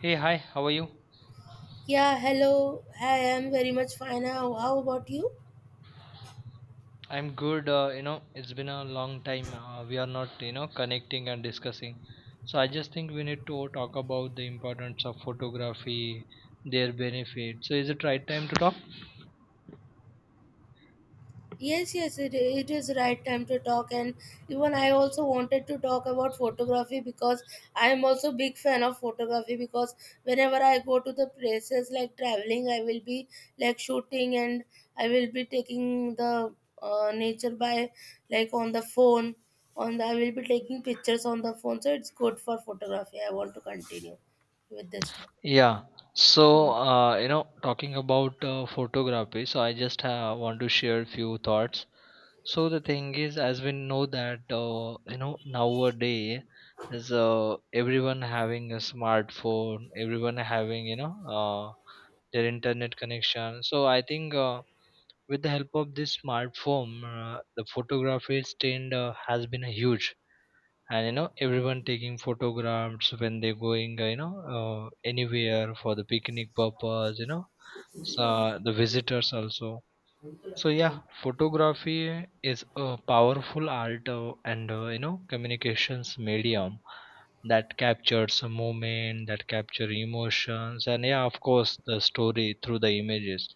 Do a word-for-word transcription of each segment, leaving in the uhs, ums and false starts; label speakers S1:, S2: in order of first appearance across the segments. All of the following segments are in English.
S1: Hey, hi, how are you?
S2: Yeah, hello. I am very much fine. How, how about you?
S1: I'm good. Uh, you know, it's been a long time. Uh, we are not, you know, connecting and discussing. So I just think we need to talk about the importance of photography, their benefits. So is it right time to talk?
S2: Yes, yes, it, it is right time to talk. And even I also wanted to talk about photography because I am also big fan of photography because whenever I go to the places like traveling, I will be like shooting and I will be taking the uh, nature by like on the phone. On the, I will be taking pictures on the phone. So it's good for photography. I want to continue with this topic.
S1: Yeah. So,
S2: Yes.
S1: uh, you know, talking about uh, photography, so I just uh, want to share few thoughts. So the thing is, as we know that, uh, you know, nowadays is uh, everyone having a smartphone, everyone having, you know, their internet connection. So I think uh, with the help of this smartphone, uh, the photography trend uh, has been a huge. And you know, everyone taking photographs when they're going, uh, you know, uh, anywhere for the picnic purpose. You know, so the visitors also. So yeah, photography is a powerful art uh, and uh, you know communications medium that captures a moment, that capture emotions, and yeah, of course, the story through the images.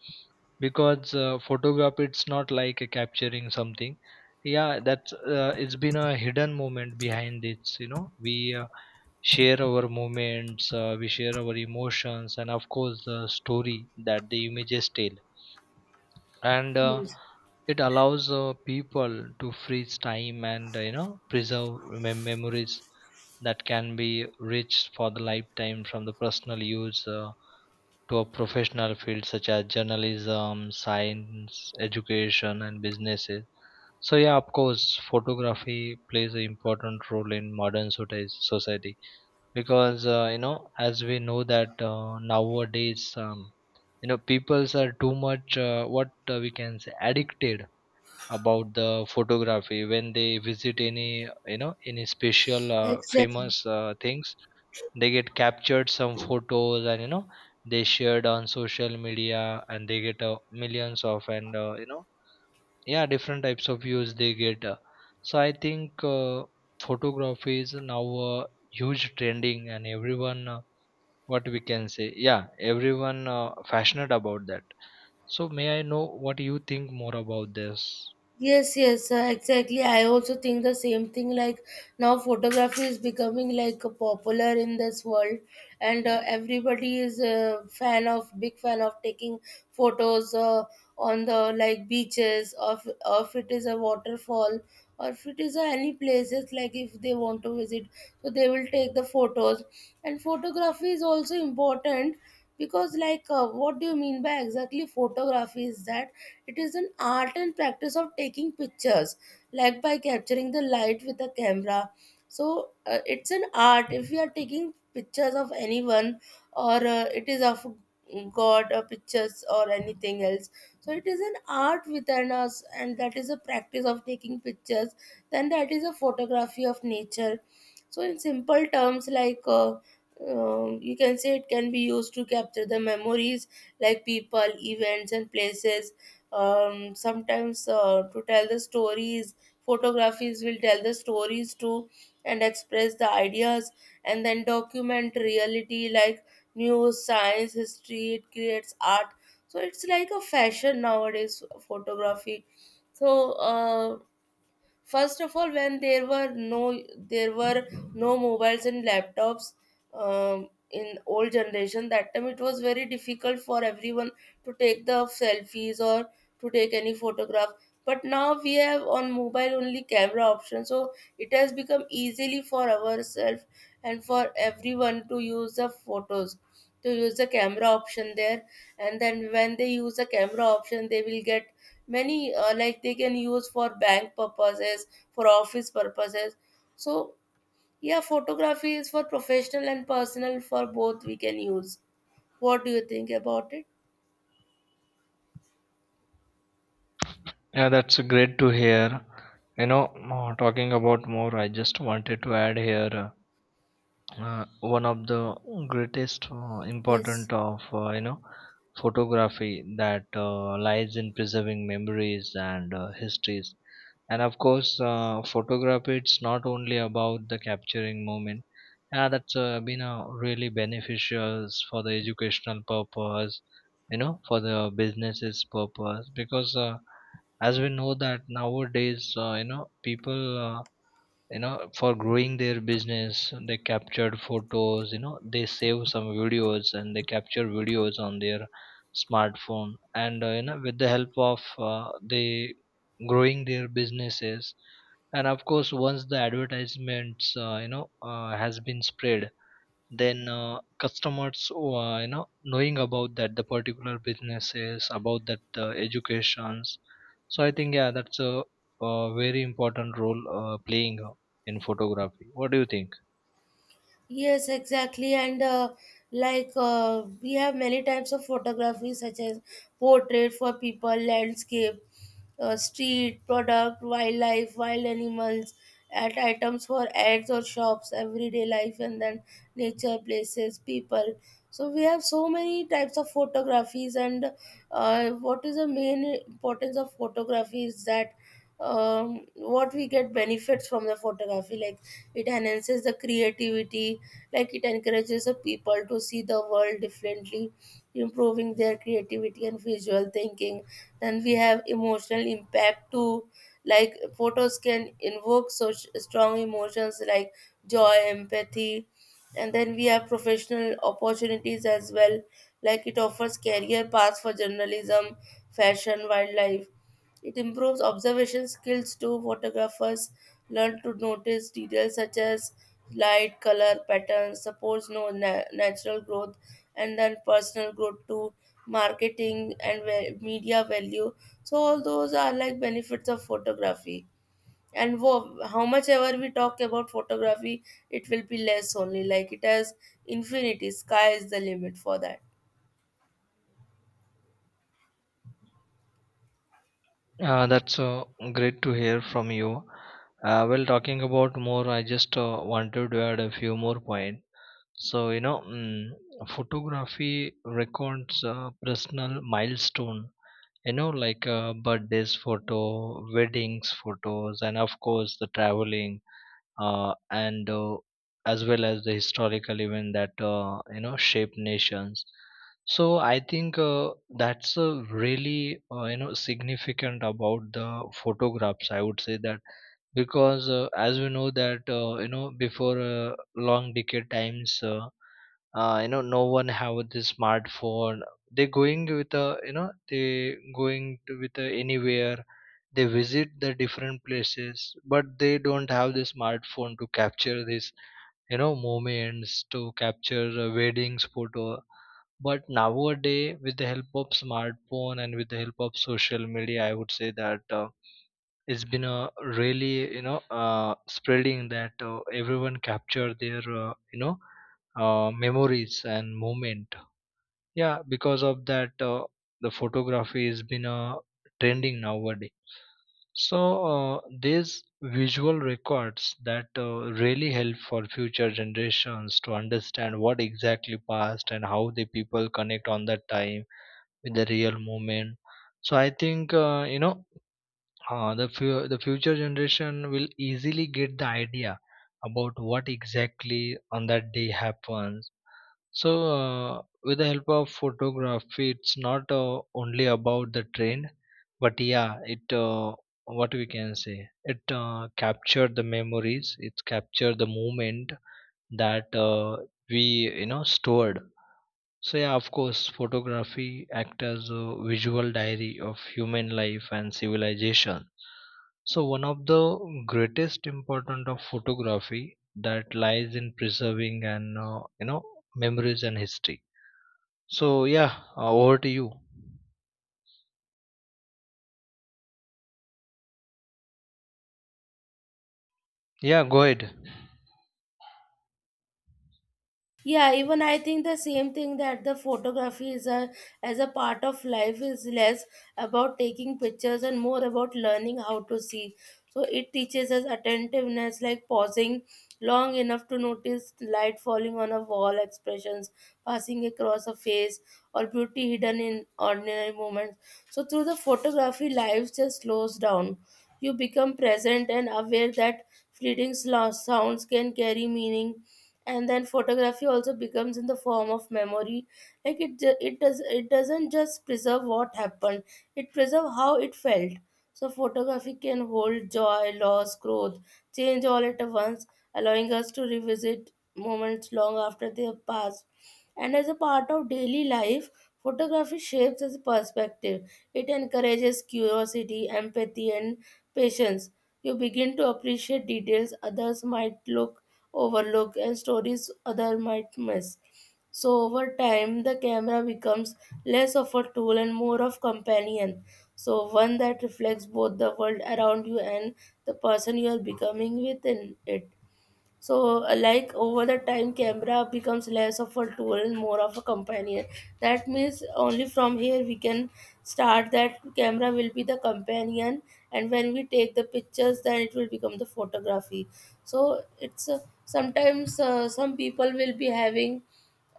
S1: Because uh, photograph, it's not like uh, capturing something. Yeah, that's uh, it's been a hidden moment behind it. You know, we uh, share our moments, uh, we share our emotions, and of course, the story that the images tell. And uh, it allows uh, people to freeze time and uh, you know preserve mem- memories that can be reached for the lifetime from the personal use uh, to a professional field such as journalism, science, education, and businesses. So yeah, of course, photography plays an important role in modern soci- society because uh, you know, as we know that uh, nowadays, um, you know, peoples are too much uh, what uh, we can say addicted about the photography when they visit any you know any special uh,
S2: Exactly.
S1: famous uh, things. They get captured some photos and you know they shared on social media and they get uh, millions of and uh, you know yeah different types of views they get uh. So I think uh, photography is now a huge trending and everyone uh, what we can say yeah everyone uh, passionate about that. So may I know what you think more about this?
S2: Yes, yes, uh, exactly. I also think the same thing. Like now, photography is becoming like uh, popular in this world, and uh, everybody is a fan of big fan of taking photos uh, on the like beaches, or if, or if it is a waterfall, or if it is uh, any places like if they want to visit, so they will take the photos. And photography is also important because like uh, what do you mean by exactly photography is that it is an art and practice of taking pictures like by capturing the light with a camera, so uh, it's an art if we are taking pictures of anyone or uh, it is of god or pictures or anything else. So it is an art within us and that is a practice of taking pictures, then that is a photography of nature. So in simple terms, like uh, um, you can say it can be used to capture the memories like people, events, and places. Um, sometimes uh, to tell the stories, photographies will tell the stories too, and express the ideas, and then document reality like news, science, history. It creates art. So it's like a fashion nowadays, photography. so uh, First of all, when there were no there were no mobiles and laptops, um, in old generation, that time it was very difficult for everyone to take the selfies or to take any photograph. But now we have on mobile only camera option, so it has become easily for ourselves and for everyone to use the photos, to use the camera option there, and then when they use the camera option they will get many, uh, like they can use for bank purposes, for office purposes. So yeah, photography is for professional and personal, for both we can use. What do you think about it?
S1: Yeah, that's great to hear. You know, uh, talking about more, I just wanted to add here, uh, one of the greatest uh,
S2: Yes.
S1: important of uh, you know photography, that uh, lies in preserving memories and uh, histories. And of course uh, photography, it's not only about the capturing moment. Yeah, that's uh, been a really beneficial for the educational purpose, you know, for the businesses purpose. Because uh, as we know that nowadays uh, you know people, uh, you know for growing their business, they captured photos, you know, they save some videos and they capture videos on their smartphone. And uh, you know with the help of uh, they growing their businesses. And of course, once the advertisements uh, you know uh, has been spread, then uh, customers uh, you know knowing about that, the particular businesses about that uh, educations. So I think yeah, that's a, a very important role uh, playing uh, in photography. What do you think?
S2: Yes, exactly. And uh, like uh, we have many types of photography, such as portrait for people, landscape, uh, street, product, wildlife, wild animals, at items for ads or shops, everyday life, and then nature, places, people. So we have so many types of photographies, and uh, what is the main importance of photography is that um, what we get benefits from the photography, like it enhances the creativity, like it encourages the people to see the world differently, improving their creativity and visual thinking. Then we have emotional impact too, like photos can invoke such strong emotions like joy, empathy. And then we have professional opportunities as well, like it offers career paths for journalism, fashion, wildlife. It improves observation skills too. Photographers learn to notice details such as light, color, patterns, supports no na- natural growth, and then personal growth too. Marketing and ve- media value. So all those are like benefits of photography. And wo- how much ever we talk about photography, it will be less only. Like it has infinity. Sky is the limit for that.
S1: Uh, that's uh, Great to hear from you. Uh, well, talking about more, I just uh, wanted to add a few more points. So you know, mm, photography records uh, personal milestone, you know, like uh, birthdays photo, weddings photos, and of course the traveling, uh, and uh, as well as the historical event that uh, you know shape nations. So I think uh, that's uh, really uh, you know significant about the photographs, I would say that. Because uh, as we know that uh, you know before uh, long decade times, uh, uh, you know, no one have the smartphone. They going with a you know, they going to with a anywhere, they visit the different places, but they don't have the smartphone to capture this, you know, moments, to capture a weddings photo. But nowadays with the help of smartphone and with the help of social media, I would say that uh, it's been a really, you know uh, spreading, that uh, everyone capture their uh, you know uh, memories and moment. Yeah, because of that uh, the photography has been uh, trending nowadays. So uh, these visual records that uh, really help for future generations to understand what exactly passed and how the people connect on that time with the real moment. So I think uh, you know uh, the, fu- the future generation will easily get the idea about what exactly on that day happens. So, uh, with the help of photography, it's not uh, only about the trend, but yeah, it uh, what we can say, it uh, captured the memories, it captured the moment that uh, we you know stored. So yeah, of course, photography act as a visual diary of human life and civilization. So one of the greatest importance of photography, that lies in preserving and uh, you know memories and history. So yeah, uh, over to you. Yeah, go ahead.
S2: Yeah, even I think the same thing, that the photography is a as a part of life is less about taking pictures and more about learning how to see. So it teaches us attentiveness, like pausing long enough to notice light falling on a wall, expressions passing across a face, or beauty hidden in ordinary moments. So through the photography, life just slows down. You become present and aware that fleeting slo- sounds can carry meaning. And then photography also becomes in the form of memory, like it ju- it does it doesn't just preserve what happened, it preserve how it felt. So photography can hold joy, loss, growth, change, all at once, allowing us to revisit moments long after they have passed. And as a part of daily life, photography shapes his perspective. It encourages curiosity, empathy, and patience. You begin to appreciate details others might look overlook, and stories others might miss. So over time, the camera becomes less of a tool and more of companion. So one that reflects both the world around you and the person you are becoming within it. So, uh, like over the time, camera becomes less of a tool and more of a companion. That means only from here we can start that camera will be the companion, and when we take the pictures, then it will become the photography. So, it's uh, sometimes uh, some people will be having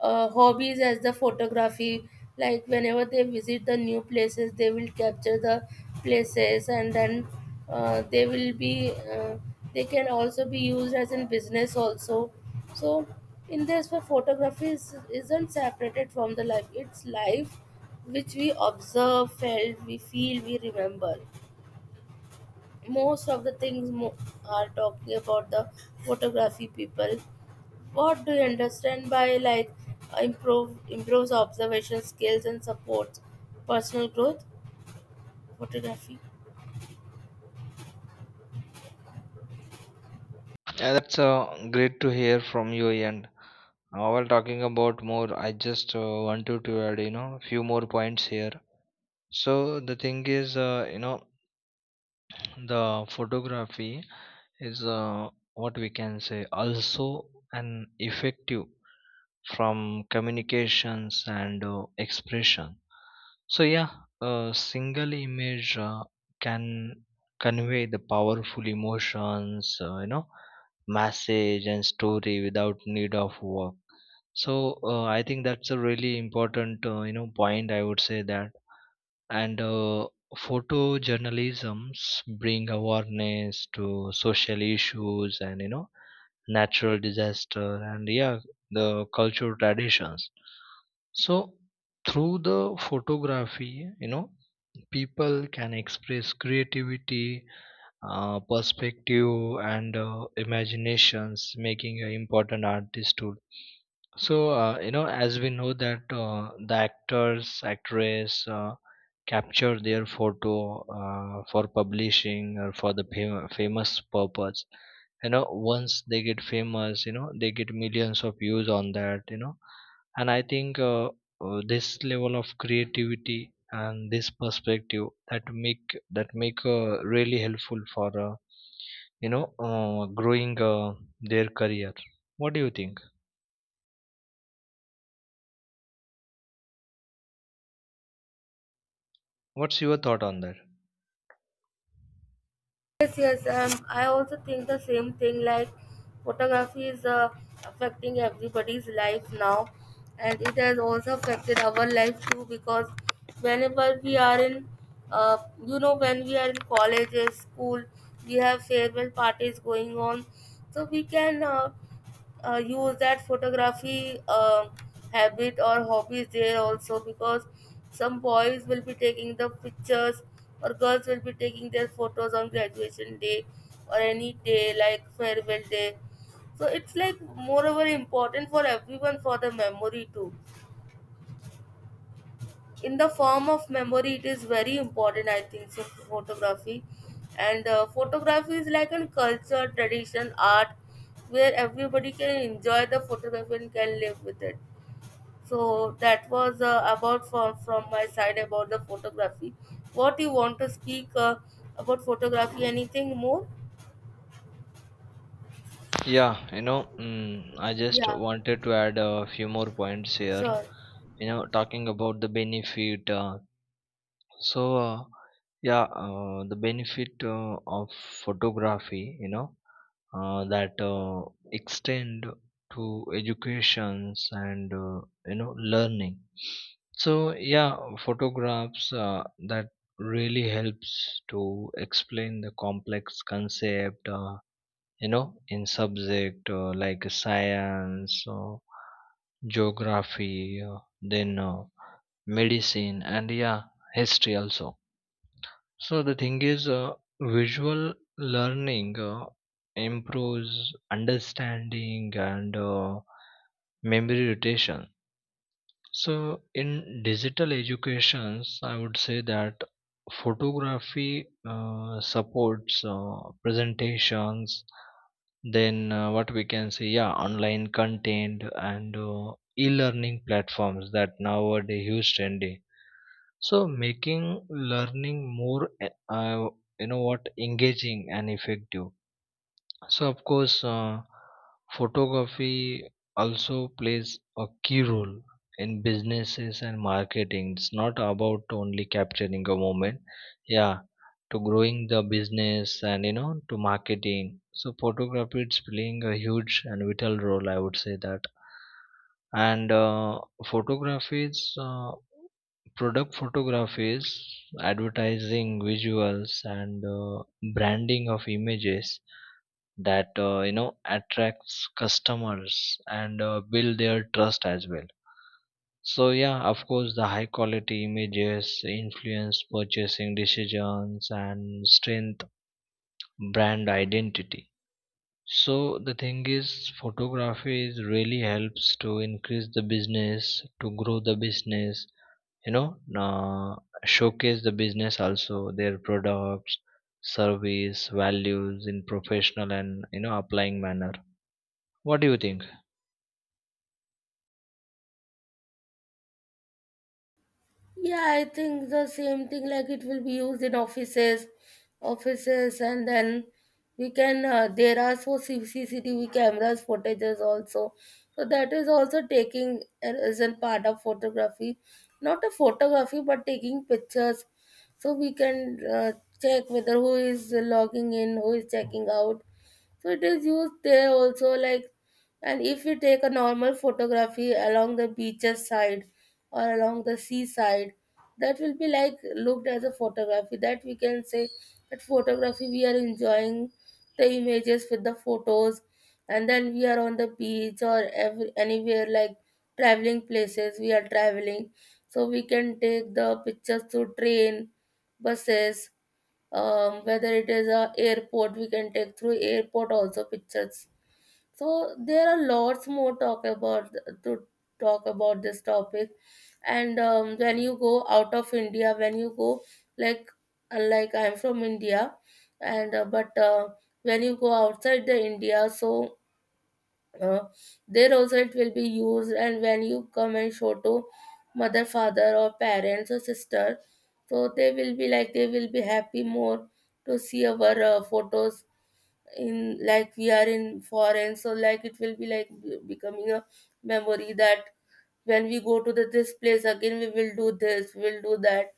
S2: uh, hobbies as the photography, like whenever they visit the new places they will capture the places, and then uh, they will be uh, they can also be used as in business also. So in this way photography is, isn't separated from the life, it's life which we observe, felt we feel we remember. Most of the things mo- are talking about the photography people. What do you understand by like improve improves observation skills and supports personal growth? Photography.
S1: Yeah, that's uh, great to hear from your end. Uh, while talking about more, I just uh, wanted to add, you know, few more points here. So the thing is, uh, you know, the photography is uh, what we can say, also an effective from communications and uh, expression. So yeah, a single image uh, can convey the powerful emotions, uh, you know message and story without need of work. So uh, I think that's a really important uh, you know point, I would say that. And uh, photojournalisms bring awareness to social issues and you know natural disaster and yeah the cultural traditions. So through the photography, you know, people can express creativity, uh, perspective and uh, imaginations, making an important artist tool. So uh, you know as we know that uh, the actors actress uh, capture their photo uh, for publishing or for the fam- famous purpose, you know. Once they get famous, you know, they get millions of views on that, you know. And I think uh, uh, this level of creativity and this perspective that make that make uh, really helpful for uh, you know uh, growing uh, their career. What do you think? What's your thought on that?
S2: Yes, yes. Um, I also think the same thing. Like photography is uh, affecting everybody's life now, and it has also affected our life too because whenever we are in, uh, you know, when we are in colleges, school, we have farewell parties going on, so we can uh, uh, use that photography um habit or hobbies there also, because some boys will be taking the pictures or girls will be taking their photos on graduation day or any day like farewell day. So it's like moreover important for everyone for the memory too. In the form of memory it is very important I think so, photography. And uh, photography is like a culture, tradition, art, where everybody can enjoy the photography and can live with it. So that was uh, about from, from my side about the photography. What you want to speak uh, about photography, anything more?
S1: Yeah, you know, mm, I just
S2: Yeah.
S1: wanted to add a few more points here.
S2: Sure.
S1: You know, talking about the benefit, uh, So, uh, yeah, uh, the benefit uh, of photography, you know, uh, that uh, extend to educations and uh, you know learning. So, yeah, photographs uh, that really helps to explain the complex concept, uh, you know, in subject uh, like science or geography, uh, then uh, medicine, and yeah, history also. So the thing is, uh, visual learning uh, improves understanding and uh, memory retention. So in digital educations, I would say that photography uh, supports uh, presentations. Then uh, what we can say, yeah, online content and uh, e-learning platforms that nowadays use trendy, so making learning more, uh, you know what, engaging and effective. So, of course, uh, photography also plays a key role in businesses and marketing. It's not about only capturing a moment, yeah, to growing the business and you know, to marketing. So, photography is playing a huge and vital role, I would say that. And uh, photographies, uh, product photographies, advertising, visuals, and uh, branding of images that uh, you know attracts customers and uh, build their trust as well. So yeah, of course, the high quality images influence purchasing decisions and strength brand identity. So the thing is, photography is really helps to increase the business, to grow the business, you know uh, showcase the business also, their products, service values in professional and you know applying manner. What do you think?
S2: Yeah, I think the same thing, like it will be used in offices, offices, and then we can. Uh, there are so C- CCTV cameras footages also, so that is also taking as a part of photography, not a photography but taking pictures. So we can uh, check whether who is logging in, who is checking out. So it is used there also like, and if we take a normal photography along the beaches side or along the seaside, that will be like looked as a photography, that we can say that photography we are enjoying the images with the photos. And then we are on the beach or every, anywhere like traveling places, we are traveling. So we can take the pictures through train, buses, um, whether it is a airport, we can take through airport also pictures. So there are lots more talk about to talk about this topic. And um, when you go out of india, when you go like like I'm from india. And uh, but uh, when you go outside the india, so uh, there also it will be used. And when you come and show to mother, father, or parents, or sister, so they will be like they will be happy more to see our uh, photos in like we are in foreign. So like it will be like be- becoming a memory that when we go to the, this place again, we will do this, we will do that.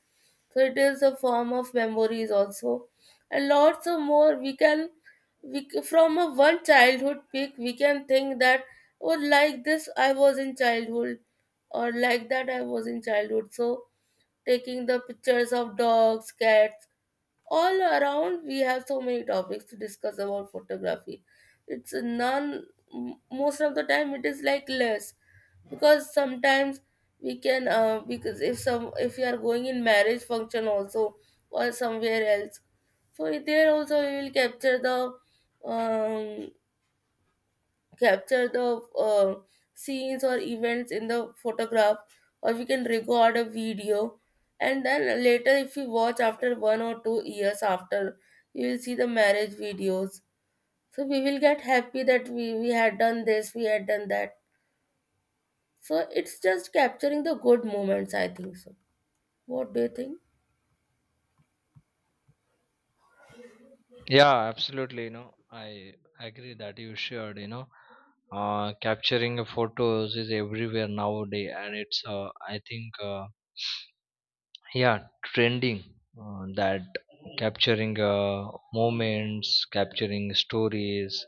S2: So it is a form of memories also. And lots of more we can we c- from a one childhood pick we can think that, oh, like this I was in childhood, or like that I was in childhood. So taking the pictures of dogs, cats, all around. We have so many topics to discuss about photography. It's none. M- most of the time it is like less, because sometimes we can uh, because if some if you are going in marriage function also or somewhere else, so there also we will capture the um, capture the uh, scenes or events in the photograph, or we can record a video. And then later if you watch after one or two years after, you will see the marriage videos. So we will get happy that we, we had done this, we had done that. So it's just capturing the good moments I think so. What do you think?
S1: Yeah, absolutely. You know, I agree that you shared. You know, uh, capturing photos is everywhere nowadays, and it's uh, I think uh, yeah, trending uh, that capturing uh, moments, capturing stories,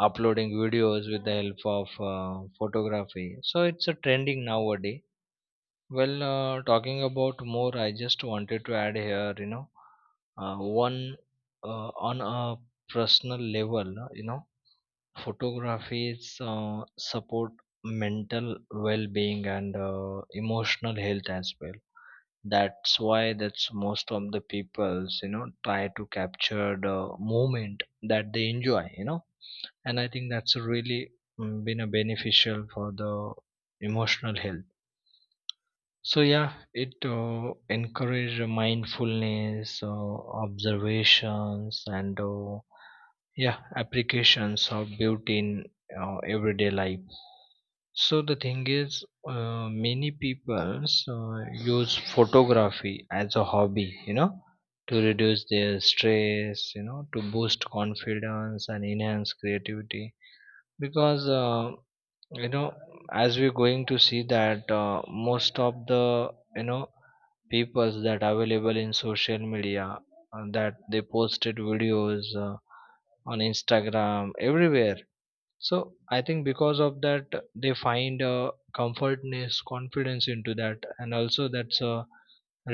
S1: uploading videos with the help of uh, photography. So it's a trending nowadays. Well, uh, talking about more, I just wanted to add here, you know, uh, one uh, on a personal level, uh, you know, photographies uh, support mental well-being and uh, emotional health as well. That's why that's most of the people's, you know, try to capture the moment that they enjoy, you know. And I think that's really, mm, been a beneficial for the emotional health. So yeah, it uh, encourage mindfulness, uh, observations, and uh, yeah, applications of beauty in uh, everyday life. So the thing is, uh, many people uh, use photography as a hobby, you know, to reduce their stress, you know, to boost confidence and enhance creativity. Because uh, you know as we're going to see that uh, most of the you know peoples that available in social media, uh, that they posted videos uh, on Instagram everywhere. So I think because of that, they find uh, comfortness confidence into that, and also that's uh,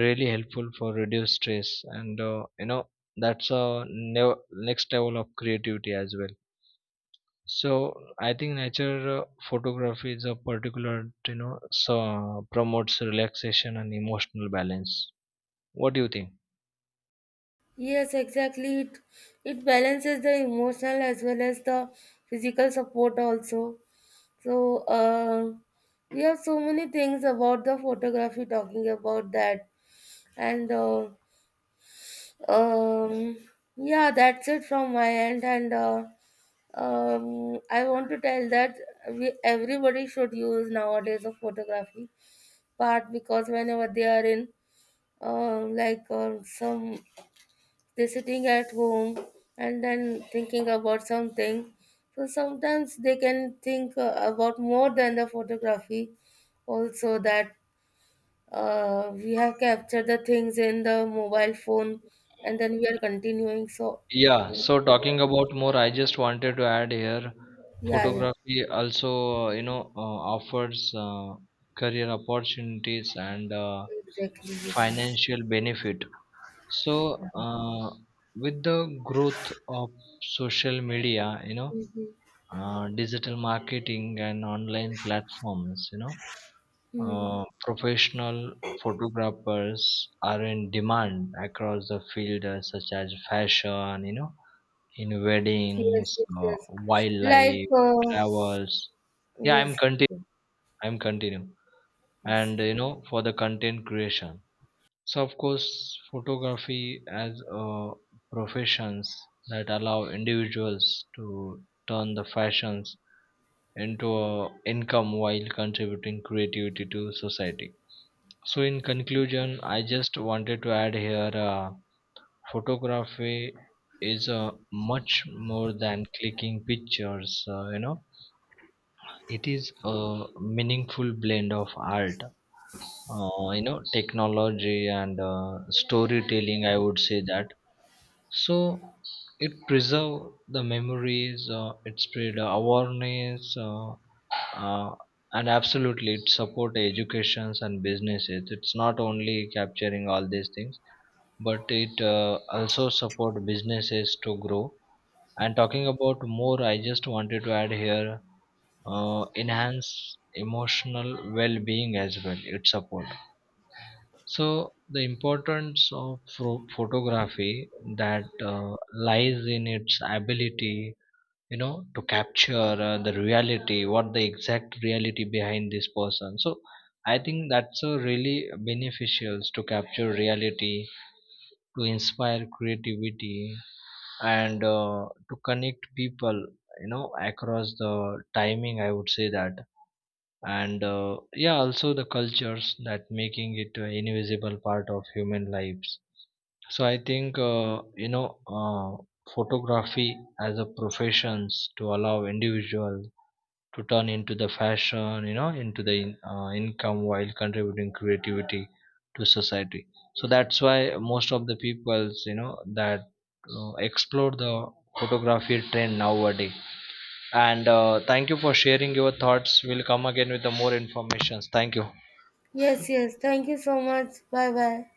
S1: really helpful for reduce stress and uh, you know that's a nev- next level of creativity as well. So I think nature uh, photography is a particular, you know, so promotes relaxation and emotional balance. What do you think?
S2: Yes, exactly. It, it balances the emotional as well as the physical support also. So uh, we have so many things about the photography talking about that. And uh, um, yeah, that's it from my end. And uh, um, I want to tell that we everybody should use nowadays of photography part, because whenever they are in um like um some they're sitting at home and then thinking about something. So sometimes they can think uh, about more than the photography, also that uh, we have captured the things in the mobile phone and then we are continuing. So,
S1: Yeah, so
S2: yeah,
S1: talking about more, I just wanted to add here,
S2: yeah, yeah.
S1: photography also, uh, you know, uh, offers uh, career opportunities and uh,
S2: Exactly. Yes, yes.
S1: financial benefit. So, uh, with the growth of social media, you know, uh, digital marketing and online platforms, you know,
S2: Hmm.
S1: Uh, professional photographers are in demand across the field, uh, such as fashion, you know, in
S2: Yes,
S1: weddings,
S2: yes,
S1: uh,
S2: yes. Like,
S1: wildlife,
S2: uh,
S1: travels. Yeah, I'm
S2: yes,
S1: continu
S2: yes,
S1: I'm continue. And
S2: yes.
S1: you know, for the content creation. So of course, photography as a professions that allow individuals to turn the fashions into a income while contributing creativity to society. So, in conclusion, I just wanted to add here, uh, photography is uh, much more than clicking pictures, uh, you know, it is a meaningful blend of art, uh, you know, technology and uh, storytelling. I would say that. So, it preserve the memories, uh, it spread awareness, uh, uh, and absolutely it support educations and businesses. It's not only capturing all these things, but it uh, also support businesses to grow. And talking about more, I just wanted to add here, uh, enhance emotional well-being as well. It support. So the importance of pho- photography, that uh, lies in its ability, you know, to capture uh, the reality, what the exact reality behind this person. So I think that's a really beneficial to capture reality, to inspire creativity, and uh, to connect people, you know, across the timing, I would say that. And uh, yeah, also the cultures that making it an invisible part of human lives. So I think uh, you know uh, photography as a professions to allow individuals to turn into the fashion, you know, into the in- uh, income while contributing creativity to society. So that's why most of the peoples, you know, that uh, explore the photography trend nowadays. And uh, thank you for sharing your thoughts. We'll come again with the more informations. Thank you.
S2: Yes, yes. Thank you so much. Bye bye.